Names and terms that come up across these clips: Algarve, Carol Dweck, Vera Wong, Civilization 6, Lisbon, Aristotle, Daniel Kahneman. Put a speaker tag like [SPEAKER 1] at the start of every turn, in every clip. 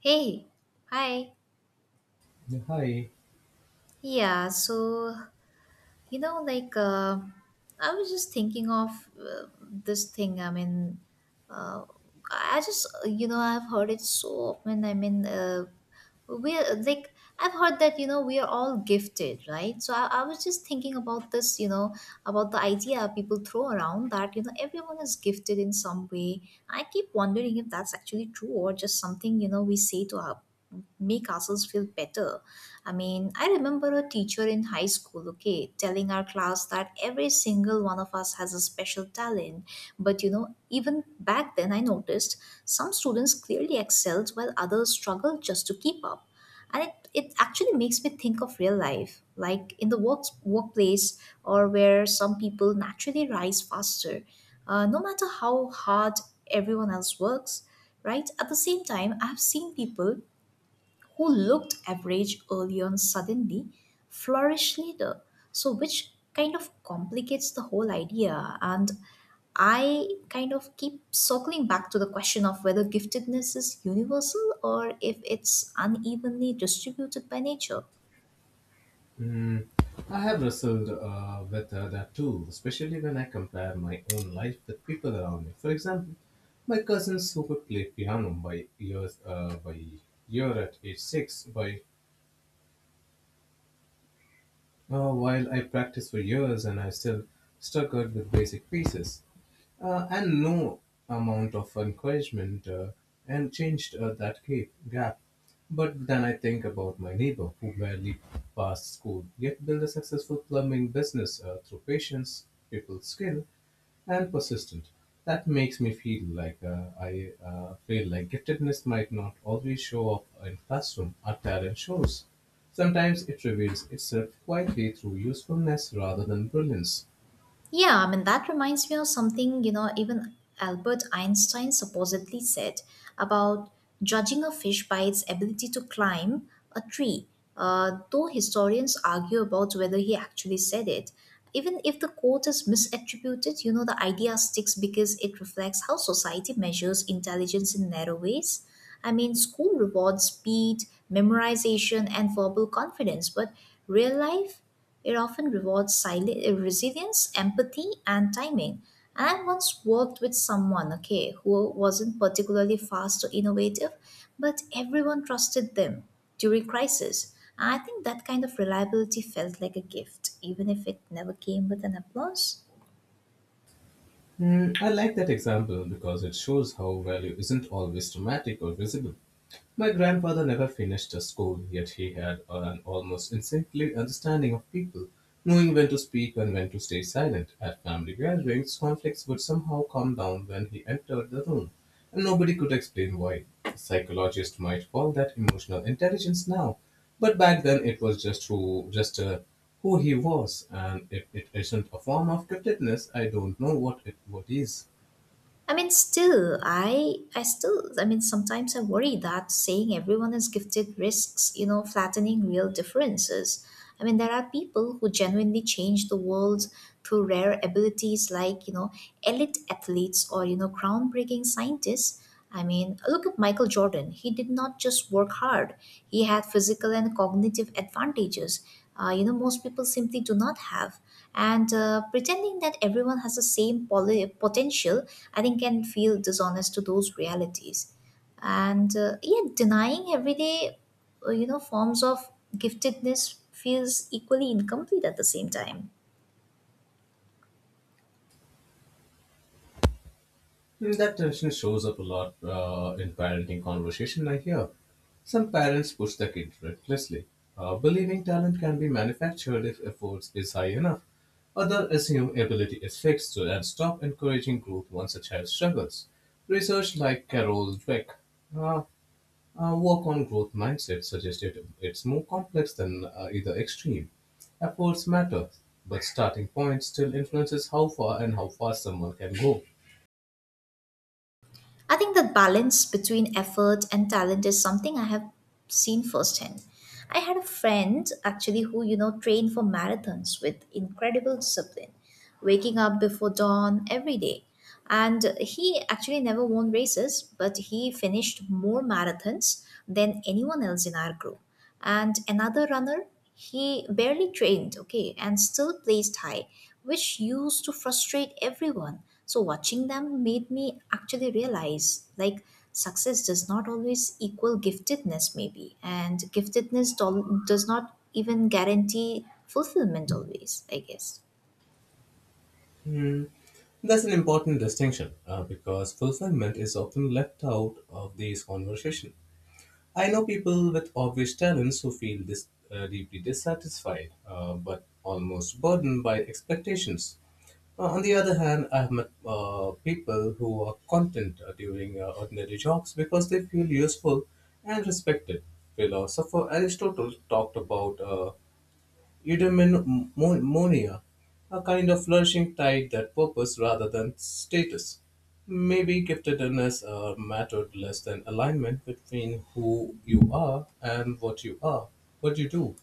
[SPEAKER 1] Hey, hi.
[SPEAKER 2] Yeah, hi.
[SPEAKER 1] Yeah, so like, I was just thinking of uh, this thing. I mean, uh, I just, I've heard it so often. I mean, we're like, I've heard that, we are all gifted, right? So I was just thinking about this, about the idea people throw around that, everyone is gifted in some way. I keep wondering if that's actually true or just something, we say to make ourselves feel better. I mean, I remember a teacher in high school, okay, telling our class that every single one of us has a special talent. But even back then, I noticed some students clearly excelled while others struggled just to keep up. And it actually makes me think of real life, like in the workplace or where some people naturally rise faster, no matter how hard everyone else works, right? At the same time, I've seen people who looked average early on suddenly flourish later. So, which kind of complicates the whole idea. And I kind of keep circling back to the question of whether giftedness is universal or if it's unevenly distributed by nature.
[SPEAKER 2] Mm, I have wrestled with that too, especially when I compare my own life with people around me. For example, my cousins who could play piano by years by year at age six, by while I practiced for years and I still struggled with basic pieces. And no amount of encouragement and changed that gap. But then I think about my neighbor who barely passed school yet built a successful plumbing business through patience, people skill, and persistence. That makes me feel like I feel like giftedness might not always show up in classroom or talent shows. Sometimes it reveals itself quietly through usefulness rather than brilliance.
[SPEAKER 1] Yeah, I mean, that reminds me of something, even Albert Einstein supposedly said about judging a fish by its ability to climb a tree, though historians argue about whether he actually said it. Even if the quote is misattributed, the idea sticks because it reflects how society measures intelligence in narrow ways. I mean, school rewards speed, memorization, and verbal confidence, but real life it often rewards resilience, empathy, and timing. And I once worked with someone, okay, who wasn't particularly fast or innovative, but everyone trusted them during crisis. And I think that kind of reliability felt like a gift, even if it never came with an applause.
[SPEAKER 2] I like that example because it shows how value isn't always dramatic or visible. My grandfather never finished a school, yet he had an almost instinctive understanding of people, knowing when to speak and when to stay silent. At family gatherings, conflicts would somehow calm down when he entered the room, and nobody could explain why. Psychologists might call that emotional intelligence now, but back then it was just who he was, and if it isn't a form of giftedness, I don't know what it what is.
[SPEAKER 1] I mean, still, I still, I mean, sometimes I worry that saying everyone is gifted risks, flattening real differences. I mean, there are people who genuinely change the world through rare abilities like, elite athletes or, groundbreaking scientists. I mean, look at Michael Jordan. He did not just work hard, he had physical and cognitive advantages. Most people simply do not have. And pretending that everyone has the same potential, I think, can feel dishonest to those realities. And yet, denying everyday, forms of giftedness feels equally incomplete at the same time.
[SPEAKER 2] That tension shows up a lot in parenting conversation, I hear. Some parents push their kid recklessly, believing talent can be manufactured if effort is high enough. Others assume ability is fixed and stop encouraging growth once a child struggles. Research like Carol Dweck, uh, work on growth mindset suggested it's more complex than either extreme. Efforts matter, but starting point still influences how far and how fast someone can go.
[SPEAKER 1] I think the balance between effort and talent is something I have seen firsthand. I had a friend actually who, trained for marathons with incredible discipline, waking up before dawn every day. And he actually never won races, but he finished more marathons than anyone else in our group. And another runner, he barely trained, okay, and still placed high, which used to frustrate everyone. So watching them made me actually realize, like, success does not always equal giftedness maybe, and giftedness does not even guarantee fulfillment always, I guess.
[SPEAKER 2] That's an important distinction because fulfillment is often left out of these conversations. I know people with obvious talents who feel deeply dissatisfied but almost burdened by expectations. On the other hand, I have met people who are content during ordinary jobs because they feel useful and respected. Philosopher Aristotle talked about eudaimonia, a kind of flourishing tied that purpose rather than status, may be giftedness or mattered less than alignment between who you are and what you are, what you do.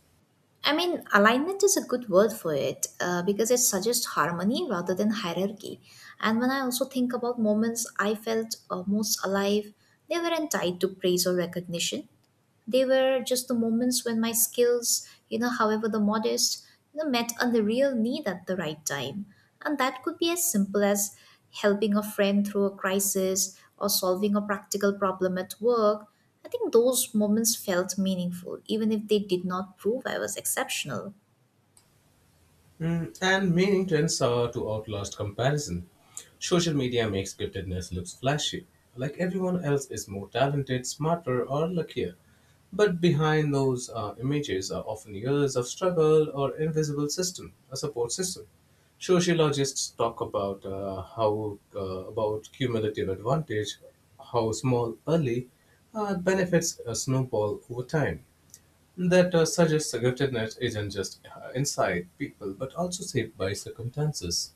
[SPEAKER 1] I mean, alignment is a good word for it, because it suggests harmony rather than hierarchy. And when I also think about moments I felt most alive, they weren't tied to praise or recognition. They were just the moments when my skills, however the modest, met a real need at the right time. And that could be as simple as helping a friend through a crisis or solving a practical problem at work. I think those moments felt meaningful, even if they did not prove I was exceptional.
[SPEAKER 2] And meaning trends are to outlast comparison. Social media makes giftedness looks flashy, like everyone else is more talented, smarter, or luckier. But behind those images are often years of struggle or invisible system, a support system. Sociologists talk about how about cumulative advantage, how small early benefits snowball over time. That suggests giftedness isn't just inside people, but also shaped by circumstances.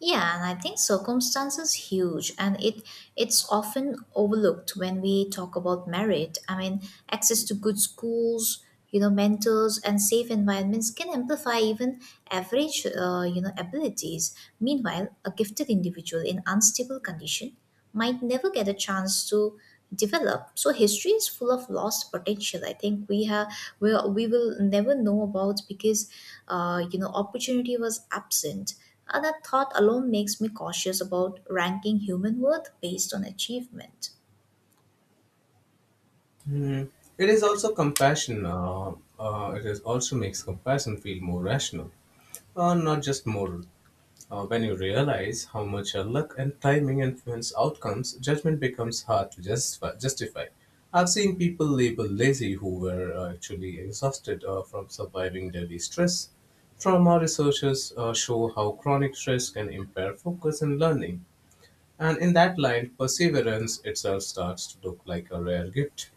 [SPEAKER 1] Yeah, and I think circumstance is huge and it's often overlooked when we talk about merit. I mean, access to good schools, mentors and safe environments can amplify even average abilities. Meanwhile, a gifted individual in unstable condition might never get a chance to develop. So history is full of lost potential, I think, we will never know about, because opportunity was absent. And that thought alone makes me cautious about ranking human worth based on achievement.
[SPEAKER 2] Hmm. It is also compassion. It is also makes compassion feel more rational, not just moral. When you realize how much your luck and timing influence outcomes, judgment becomes hard to justify. I've seen people labeled lazy who were actually exhausted from surviving daily stress. Trauma researchers show how chronic stress can impair focus and learning. And in that line, perseverance itself starts to look like a rare gift.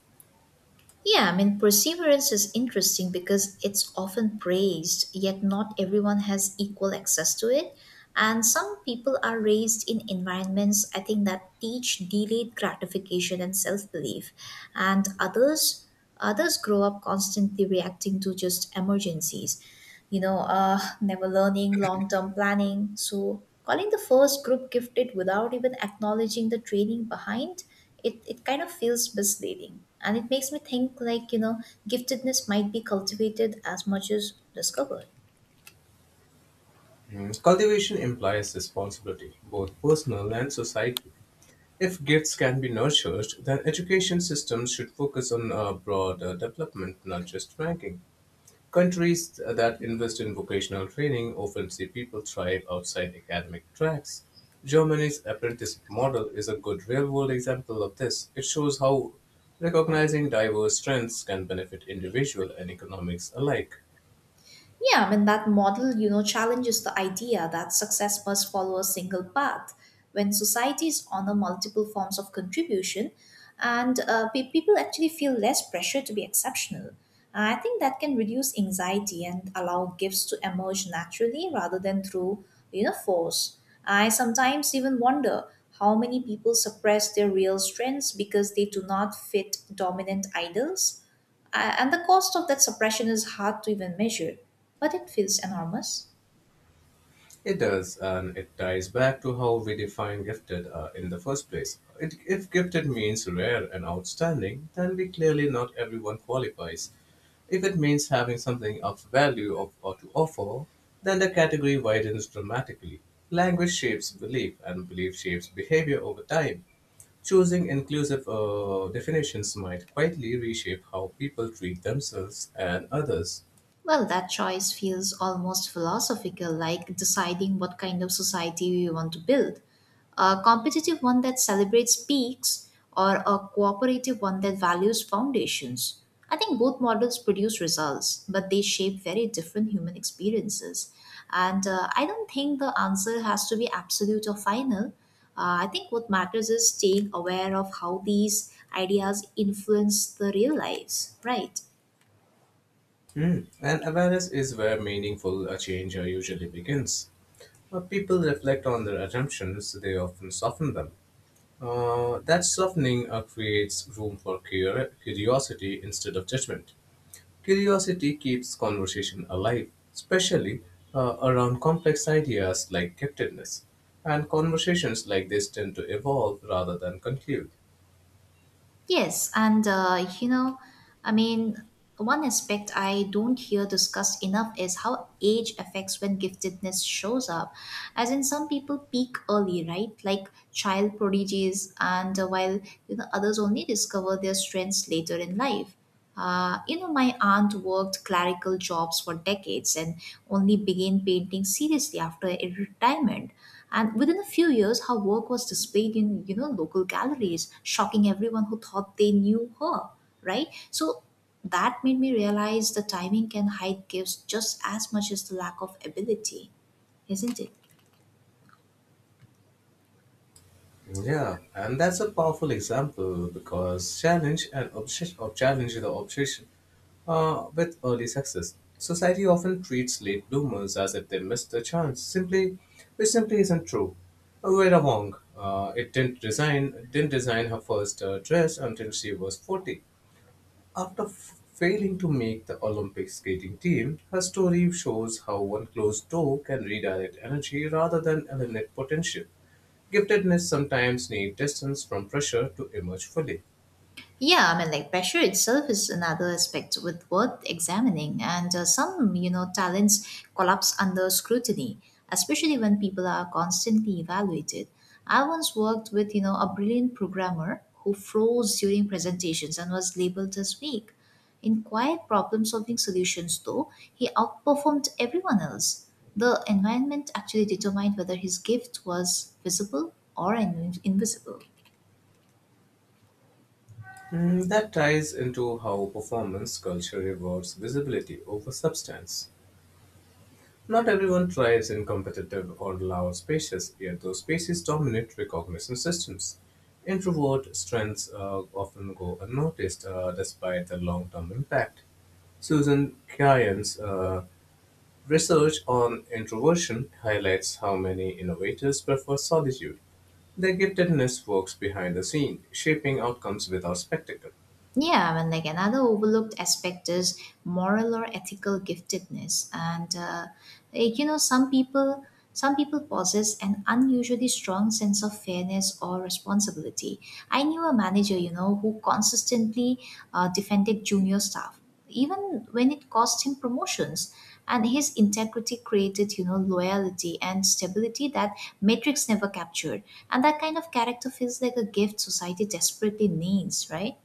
[SPEAKER 1] Yeah, I mean, perseverance is interesting because it's often praised, yet not everyone has equal access to it. And some people are raised in environments, I think, that teach delayed gratification and self belief. And others grow up constantly reacting to just emergencies, never learning, long term planning. So, calling the first group gifted without even acknowledging the training behind it, it kind of feels misleading. And it makes me think, like, giftedness might be cultivated as much as discovered.
[SPEAKER 2] Mm. Cultivation implies responsibility, both personal and societal. If gifts can be nurtured, then education systems should focus on broader development, not just ranking. Countries that invest in vocational training often see people thrive outside academic tracks. Germany's apprenticeship model is a good real-world example of this. It shows how recognizing diverse strengths can benefit individual and economics alike.
[SPEAKER 1] Yeah, I mean, that model, challenges the idea that success must follow a single path. When societies honor multiple forms of contribution, and people actually feel less pressure to be exceptional. I think that can reduce anxiety and allow gifts to emerge naturally rather than through, force. I sometimes even wonder how many people suppress their real strengths because they do not fit dominant idols. And the cost of that suppression is hard to even measure, but it feels enormous.
[SPEAKER 2] It does, and it ties back to how we define gifted in the first place. It, if gifted means rare and outstanding, then we clearly not everyone qualifies. If it means having something of value of, or to offer, then the category widens dramatically. Language shapes belief, and belief shapes behavior over time. Choosing inclusive definitions might quietly reshape how people treat themselves and others.
[SPEAKER 1] Well, that choice feels almost philosophical, like deciding what kind of society we want to build. A competitive one that celebrates peaks or a cooperative one that values foundations. I think both models produce results, but they shape very different human experiences. And I don't think the answer has to be absolute or final. I think what matters is staying aware of how these ideas influence the real lives, right?
[SPEAKER 2] Hmm. And awareness is where meaningful change usually begins. When people reflect on their assumptions, they often soften them. That softening creates room for curiosity instead of judgment. Curiosity keeps conversation alive, especially around complex ideas like giftedness. And conversations like this tend to evolve rather than conclude.
[SPEAKER 1] Yes, and I mean, one aspect I don't hear discussed enough is how age affects when giftedness shows up. As in, some people peak early, right? Like child prodigies, and while others only discover their strengths later in life. My aunt worked clerical jobs for decades and only began painting seriously after her retirement. And within a few years, her work was displayed in, local galleries, shocking everyone who thought they knew her, right? So that made me realize the timing can hide gifts just as much as the lack of ability, isn't it?
[SPEAKER 2] Yeah, and that's a powerful example because challenge and obsession, or challenge the obsession with early success, society often treats late bloomers as if they missed the chance, simply, which simply isn't true. Vera Wong, it didn't design her first dress until she was 40. After failing to make the Olympic skating team, her story shows how one closed door can redirect energy rather than eliminate potential. Giftedness sometimes needs distance from pressure to emerge fully.
[SPEAKER 1] Yeah, I mean, like pressure itself is another aspect with worth examining, and some, talents collapse under scrutiny, especially when people are constantly evaluated. I once worked with, a brilliant programmer who froze during presentations and was labeled as weak. In quiet problem solving solutions, though, he outperformed everyone else. The environment actually determined whether his gift was visible or invisible.
[SPEAKER 2] That ties into how performance culture rewards visibility over substance. Not everyone thrives in competitive or loud spaces, yet those spaces dominate recognition systems. Introvert strengths often go unnoticed despite the long term impact. Susan Kyan's research on introversion highlights how many innovators prefer solitude. Their giftedness works behind the scene, shaping outcomes without spectacle.
[SPEAKER 1] Yeah, and like another overlooked aspect is moral or ethical giftedness, and like, some people possess an unusually strong sense of fairness or responsibility. I knew a manager, who consistently defended junior staff, even when it cost him promotions. And his integrity created, loyalty and stability that Matrix never captured. And that kind of character feels like a gift society desperately needs, right?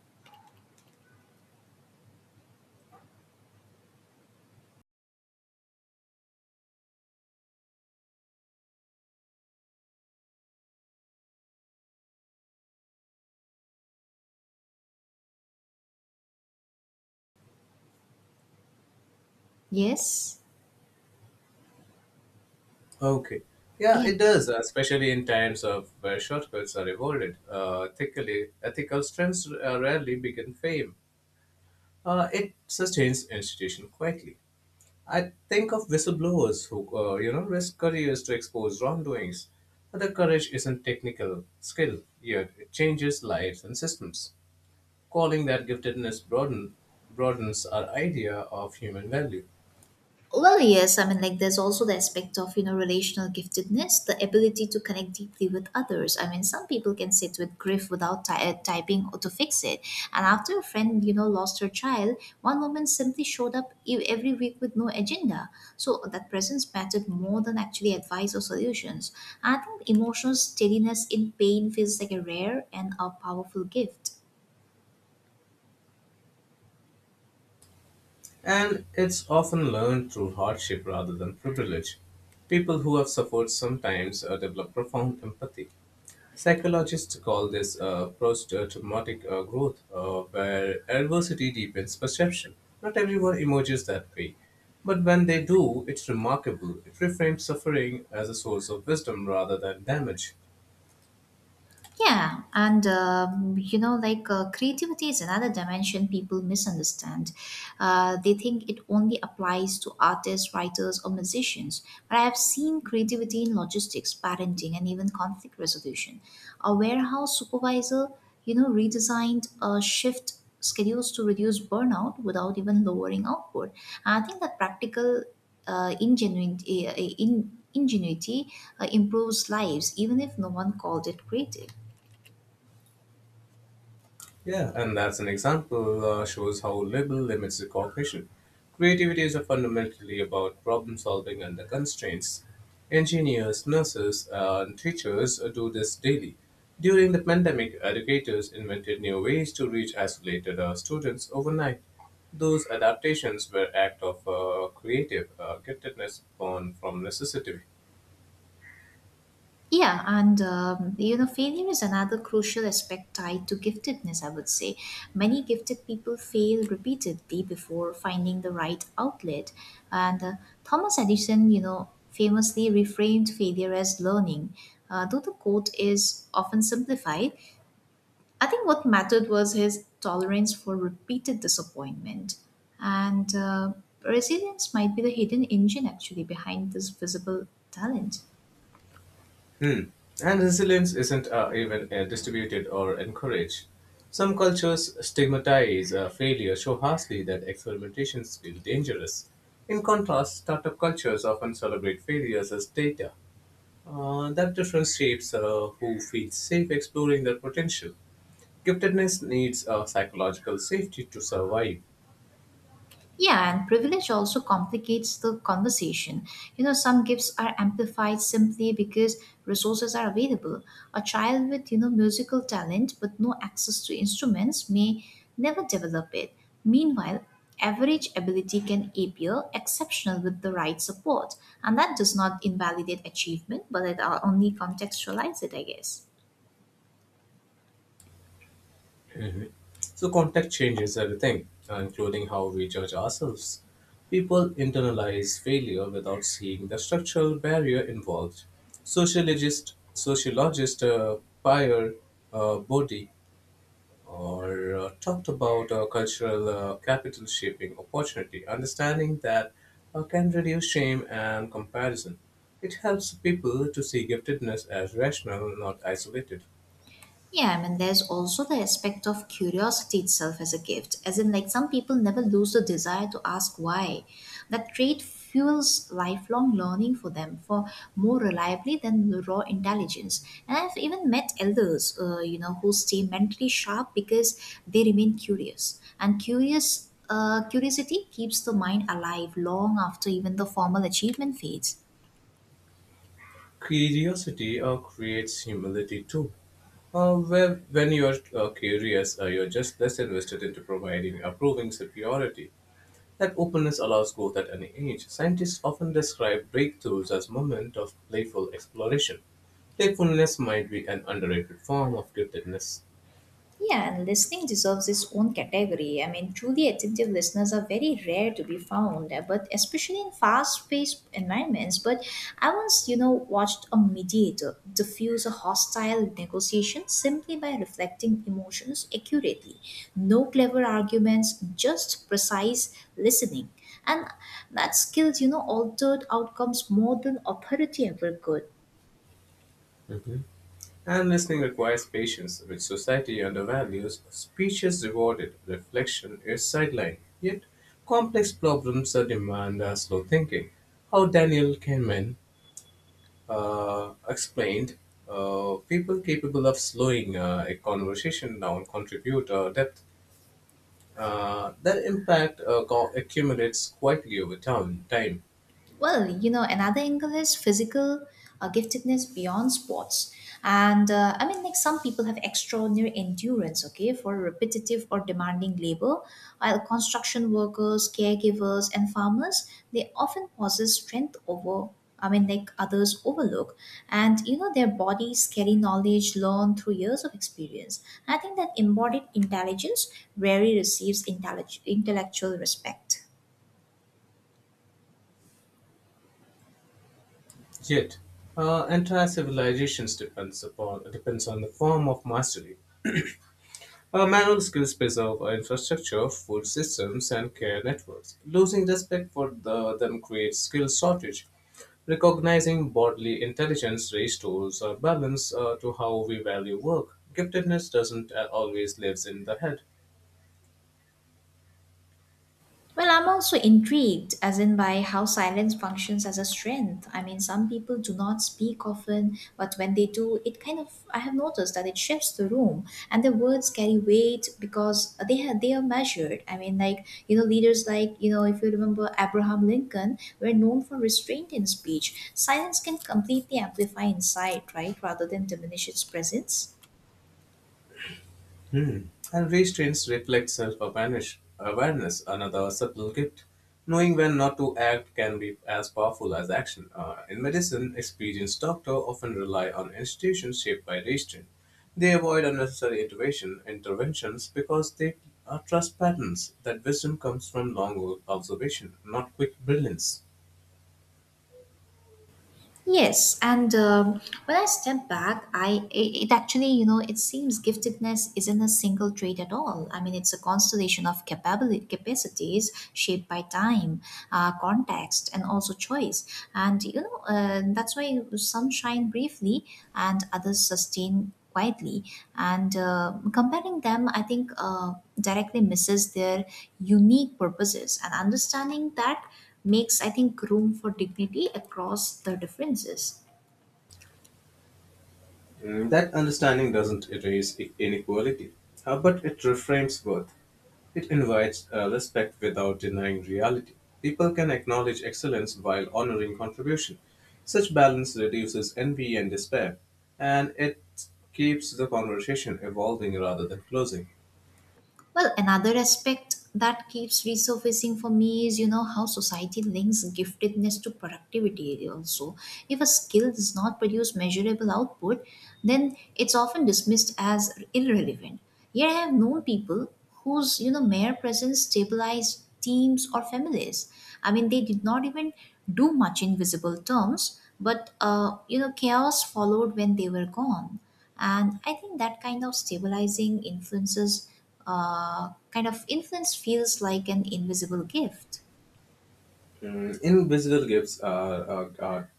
[SPEAKER 1] Yes.
[SPEAKER 2] Okay. Yeah,
[SPEAKER 1] Yeah.
[SPEAKER 2] it does, especially in times of where shortcuts are rewarded. Ethical strengths rarely begin fame. It sustains institution quietly. I think of whistleblowers who, risk careers to expose wrongdoings. But the courage isn't technical skill, yet it changes lives and systems. Calling that giftedness broadens our idea of human value.
[SPEAKER 1] Well, yes. I mean, like, there's also the aspect of, relational giftedness, the ability to connect deeply with others. I mean, some people can sit with grief without typing or to fix it. And after a friend, lost her child, one woman simply showed up every week with no agenda. So that presence mattered more than actually advice or solutions. I think emotional steadiness in pain feels like a rare and a powerful gift.
[SPEAKER 2] And it's often learned through hardship rather than privilege. People who have suffered sometimes develop profound empathy. Psychologists call this post-traumatic growth, where adversity deepens perception. Not everyone emerges that way, but when they do, it's remarkable. It reframes suffering as a source of wisdom rather than damage.
[SPEAKER 1] Yeah, and like creativity is another dimension people misunderstand. They think it only applies to artists, writers, or musicians. But I have seen creativity in logistics, parenting, and even conflict resolution. A warehouse supervisor, redesigned shift schedules to reduce burnout without even lowering output. And I think that practical ingenuity improves lives, even if no one called it creative.
[SPEAKER 2] Yeah, and that's an example shows how label limits the cognition. Creativity is fundamentally about problem solving under constraints. Engineers, nurses, and teachers do this daily. During the pandemic, educators invented new ways to reach isolated students overnight. Those adaptations were act of creative giftedness born from necessity.
[SPEAKER 1] Yeah, and failure is another crucial aspect tied to giftedness, I would say. Many gifted people fail repeatedly before finding the right outlet. And Thomas Edison, famously reframed failure as learning. Though the quote is often simplified, I think what mattered was his tolerance for repeated disappointment. And resilience might be the hidden engine actually behind this visible talent.
[SPEAKER 2] Hmm. And resilience isn't even distributed or encouraged. Some cultures stigmatize failure so harshly that experimentations feel dangerous. In contrast, startup cultures often celebrate failures as data. That difference shapes who feels safe exploring their potential. Giftedness needs psychological safety to survive.
[SPEAKER 1] Yeah, and privilege also complicates the conversation. Some gifts are amplified simply because resources are available. A child with, musical talent but no access to instruments may never develop it. Meanwhile, average ability can appear exceptional with the right support, and that does not invalidate achievement, but it only contextualizes it, I guess.
[SPEAKER 2] Mhm. So, context changes everything, including how we judge ourselves. People internalize failure without seeing the structural barrier involved. Sociologist Pierre Bourdieu or talked about cultural capital shaping opportunity, understanding that can reduce shame and comparison. It helps people to see giftedness as rational, not isolated.
[SPEAKER 1] Yeah, I mean, there's also the aspect of curiosity itself as a gift, as in, like, some people never lose the desire to ask why. That trait fuels lifelong learning for them for more reliably than the raw intelligence. And I've even met elders, who stay mentally sharp because they remain curious. And curiosity keeps the mind alive long after even the formal achievement fades.
[SPEAKER 2] Curiosity creates humility too. Well, when you're curious, you're just less invested into providing proving superiority. That openness allows growth at any age. Scientists often describe breakthroughs as moments of playful exploration. Playfulness might be an underrated form of giftedness.
[SPEAKER 1] Yeah, and listening deserves its own category. I mean, truly attentive listeners are very rare to be found, but especially in fast-paced environments. But I once, watched a mediator diffuse a hostile negotiation simply by reflecting emotions accurately. No clever arguments, just precise listening. And that skill altered outcomes more than authority ever could.
[SPEAKER 2] And listening requires patience, which society undervalues. Speech is rewarded, reflection is sidelined. Yet, complex problems demand slow thinking. How Daniel Kahneman explained, people capable of slowing a conversation down contribute depth. That impact accumulates quietly over time.
[SPEAKER 1] Another angle is physical giftedness beyond sports. And I mean, like some people have extraordinary endurance, okay, for repetitive or demanding labor, while construction workers, caregivers, and farmers, they often possess strength over. I mean, like others overlook. Their bodies carry knowledge learned through years of experience. I think that embodied intelligence rarely receives intellectual respect.
[SPEAKER 2] Yet, entire civilizations depends on the form of mastery. Our manual skills preserve our infrastructure, food systems, and care networks. Losing respect for them creates skill shortage. Recognizing bodily intelligence restores our balance to how we value work. Giftedness doesn't always lives in the head.
[SPEAKER 1] Well, I'm also intrigued, as in by how silence functions as a strength. I mean, some people do not speak often, but when they do, it kind of, I have noticed that it shifts the room and their words carry weight because they are measured. I mean, leaders like, if you remember Abraham Lincoln, were known for restraint in speech. Silence can completely amplify insight, right, rather than diminish its presence.
[SPEAKER 2] Hmm. And restraints reflect self awareness, another subtle gift. Knowing when not to act can be as powerful as action. In medicine, experienced doctors often rely on institutions shaped by restraint. They avoid unnecessary interventions because they trust patterns. That wisdom comes from long observation, not quick brilliance.
[SPEAKER 1] Yes, and when I step back, it actually, it seems giftedness isn't a single trait at all. I mean, it's a constellation of capability capacities shaped by time, context, and also choice. And that's why some shine briefly and others sustain quietly. And comparing them, directly misses their unique purposes. And understanding that makes, I think, room for dignity across the differences.
[SPEAKER 2] That understanding doesn't erase inequality, but it reframes worth. It invites respect without denying reality. People can acknowledge excellence while honoring contribution. Such balance reduces envy and despair, and it keeps the conversation evolving rather than closing.
[SPEAKER 1] Well, another aspect that keeps resurfacing for me is, how society links giftedness to productivity also. If a skill does not produce measurable output, then it's often dismissed as irrelevant. Yet I have known people whose mere presence stabilized teams or families. I mean, they did not even do much in visible terms, but, chaos followed when they were gone. And I think that kind of stabilizing influences kind of influence feels like an invisible gift.
[SPEAKER 2] Mm,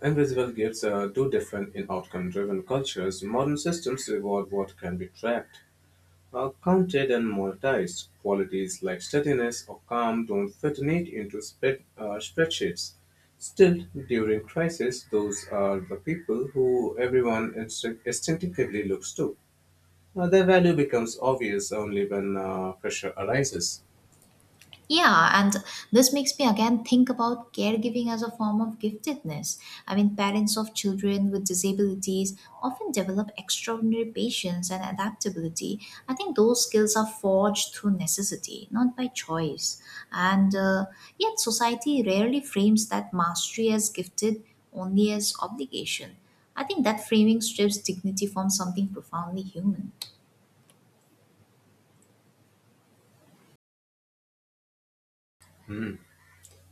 [SPEAKER 2] invisible gifts are do different in outcome-driven cultures. Modern systems reward what can be tracked. Counted and monetized qualities like steadiness or calm don't fit neat into spreadsheets. Still, during crisis, those are the people who everyone instinctively looks to. Their value becomes obvious only when pressure arises.
[SPEAKER 1] Yeah, and this makes me again think about caregiving as a form of giftedness. I mean, parents of children with disabilities often develop extraordinary patience and adaptability. I think those skills are forged through necessity, not by choice. And yet, society rarely frames that mastery as gifted only as obligation. I think that framing strips dignity from something profoundly human.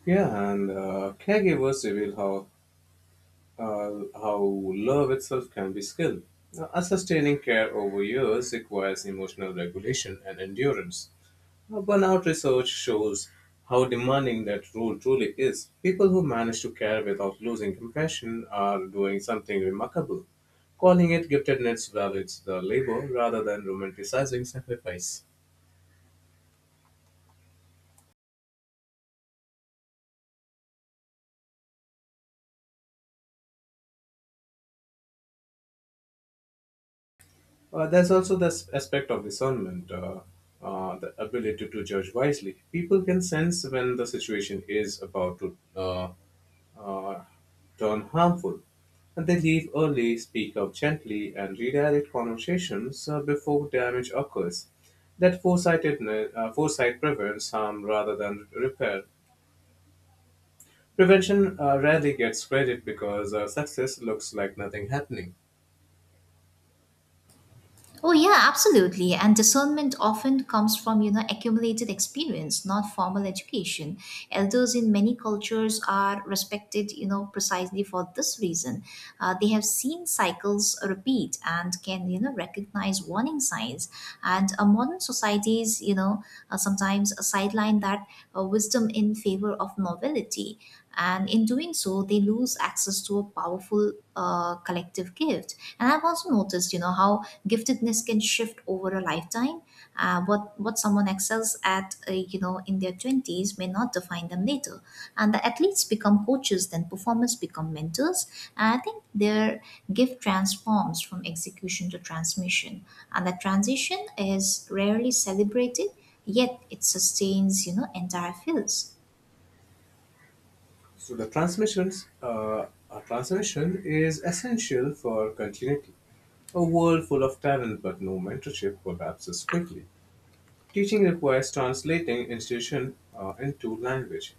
[SPEAKER 2] Yeah, and caregivers reveal how uh, how love itself can be skilled. A sustaining care over years requires emotional regulation and endurance. Now, burnout research shows how demanding that role truly is. People who manage to care without losing compassion are doing something remarkable. Calling it giftedness validates the labor rather than romanticizing sacrifice. There's also this aspect of discernment, the ability to judge wisely. People can sense when the situation is about to are turn harmful. And they leave early, speak up gently, and redirect conversations before damage occurs. That foresight prevents harm rather than repair. Prevention rarely gets credit because success looks like nothing happening.
[SPEAKER 1] Oh yeah, absolutely. And discernment often comes from, accumulated experience, not formal education. Elders in many cultures are respected, precisely for this reason. They have seen cycles repeat and can, recognize warning signs. And modern societies, sometimes sideline that wisdom in favor of novelty. And in doing so, they lose access to a powerful collective gift. And I've also noticed, how giftedness can shift over a lifetime. What someone excels at, in their twenties may not define them later. And the athletes become coaches, then performers become mentors. And I think their gift transforms from execution to transmission, and that transition is rarely celebrated yet it sustains entire fields.
[SPEAKER 2] So the transmission is essential for continuity. A world full of talent but no mentorship collapses quickly. Teaching requires translating institution into language.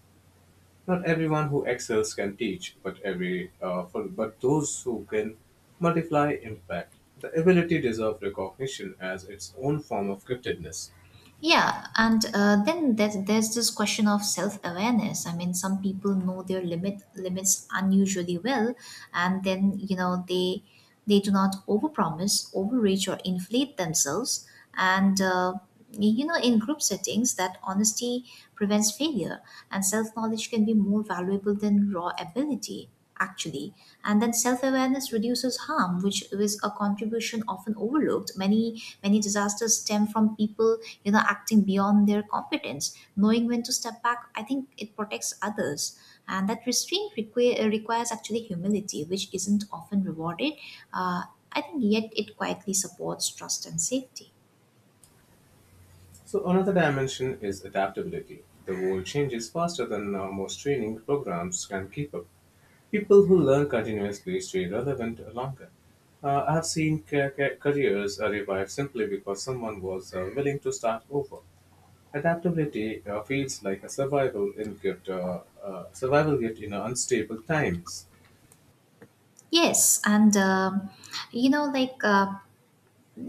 [SPEAKER 2] Not everyone who excels can teach, but those who can multiply impact. The ability deserves recognition as its own form of giftedness.
[SPEAKER 1] Yeah, and then there's this question of self awareness. I mean, some people know their limits unusually well, and then they do not overpromise, overreach, or inflate themselves. And in group settings, that honesty prevents failure, and self knowledge can be more valuable than raw ability actually. And then self-awareness reduces harm, which is a contribution often overlooked. Many many disasters stem from people acting beyond their competence. Knowing when to step back, I think it protects others, and that restraint requires actually humility, which isn't often rewarded. uh, I think yet it quietly supports trust and safety.
[SPEAKER 2] So another dimension is adaptability. The world changes faster than most training programs can keep up. People who learn continuously stay relevant longer. I have seen careers revive simply because someone was willing to start over. Adaptability feels like a survival gift in unstable times.
[SPEAKER 1] Yes, and you know like uh,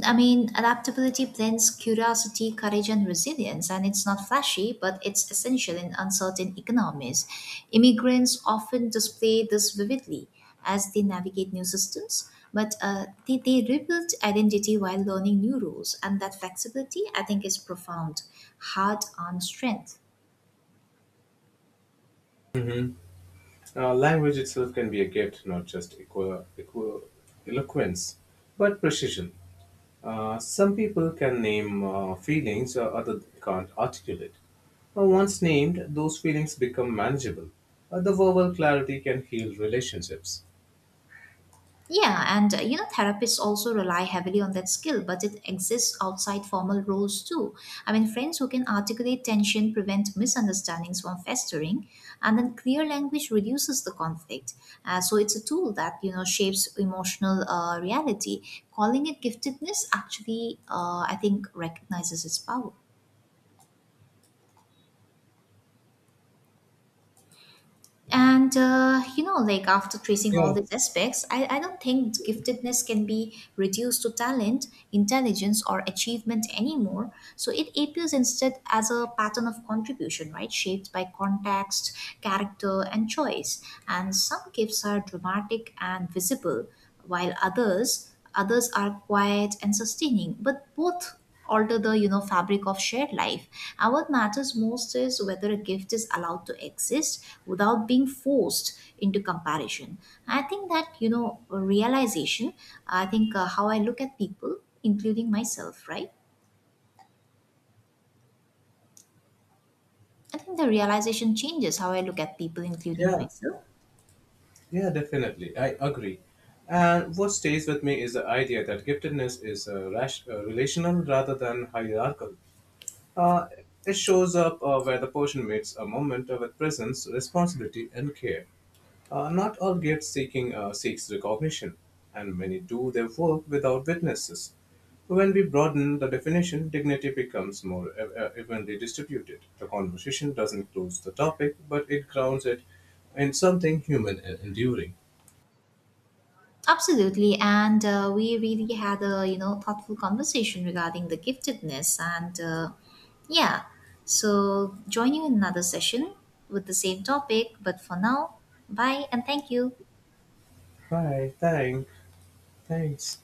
[SPEAKER 1] I mean, adaptability blends curiosity, courage, and resilience, and it's not flashy, but it's essential in uncertain economies. Immigrants often display this vividly as they navigate new systems, but they rebuild identity while learning new rules, and that flexibility, I think, is profound, hard on strength.
[SPEAKER 2] Mhm. Language itself can be a gift, not just eloquence, but precision. Some people can name feelings others can't articulate. Once named, those feelings become manageable. The verbal clarity can heal relationships.
[SPEAKER 1] Yeah, and therapists also rely heavily on that skill, but it exists outside formal roles too. I mean, friends who can articulate tension prevent misunderstandings from festering, and then clear language reduces the conflict. So it's a tool that shapes emotional reality. Calling it giftedness actually, I think, recognizes its power. And like after tracing all
[SPEAKER 2] Yeah,
[SPEAKER 1] these aspects, I don't think giftedness can be reduced to talent, intelligence, or achievement anymore. So it appears instead as a pattern of contribution, right? Shaped by context, character, and choice. And some gifts are dramatic and visible, while others are quiet and sustaining. But both alter the fabric of shared life, and what matters most is whether a gift is allowed to exist without being forced into comparison. I think that you know realization I think how I look at people including myself right I think the realization changes how I look at people, including
[SPEAKER 2] yeah.
[SPEAKER 1] myself.
[SPEAKER 2] Yeah, definitely. I agree. And what stays with me is the idea that giftedness is relational rather than hierarchical. Uh, it shows up where the person meets a moment with presence, responsibility, and care. Not all gift seeking seeks recognition, and many do their work without witnesses. When we broaden the definition, dignity becomes more evenly distributed. The conversation doesn't close the topic, but it grounds it in something human and enduring.
[SPEAKER 1] Absolutely, and we really had a thoughtful conversation regarding the giftedness, and yeah, so join you in another session with the same topic. But for now, bye and thank you.
[SPEAKER 2] Right, thanks. Thanks.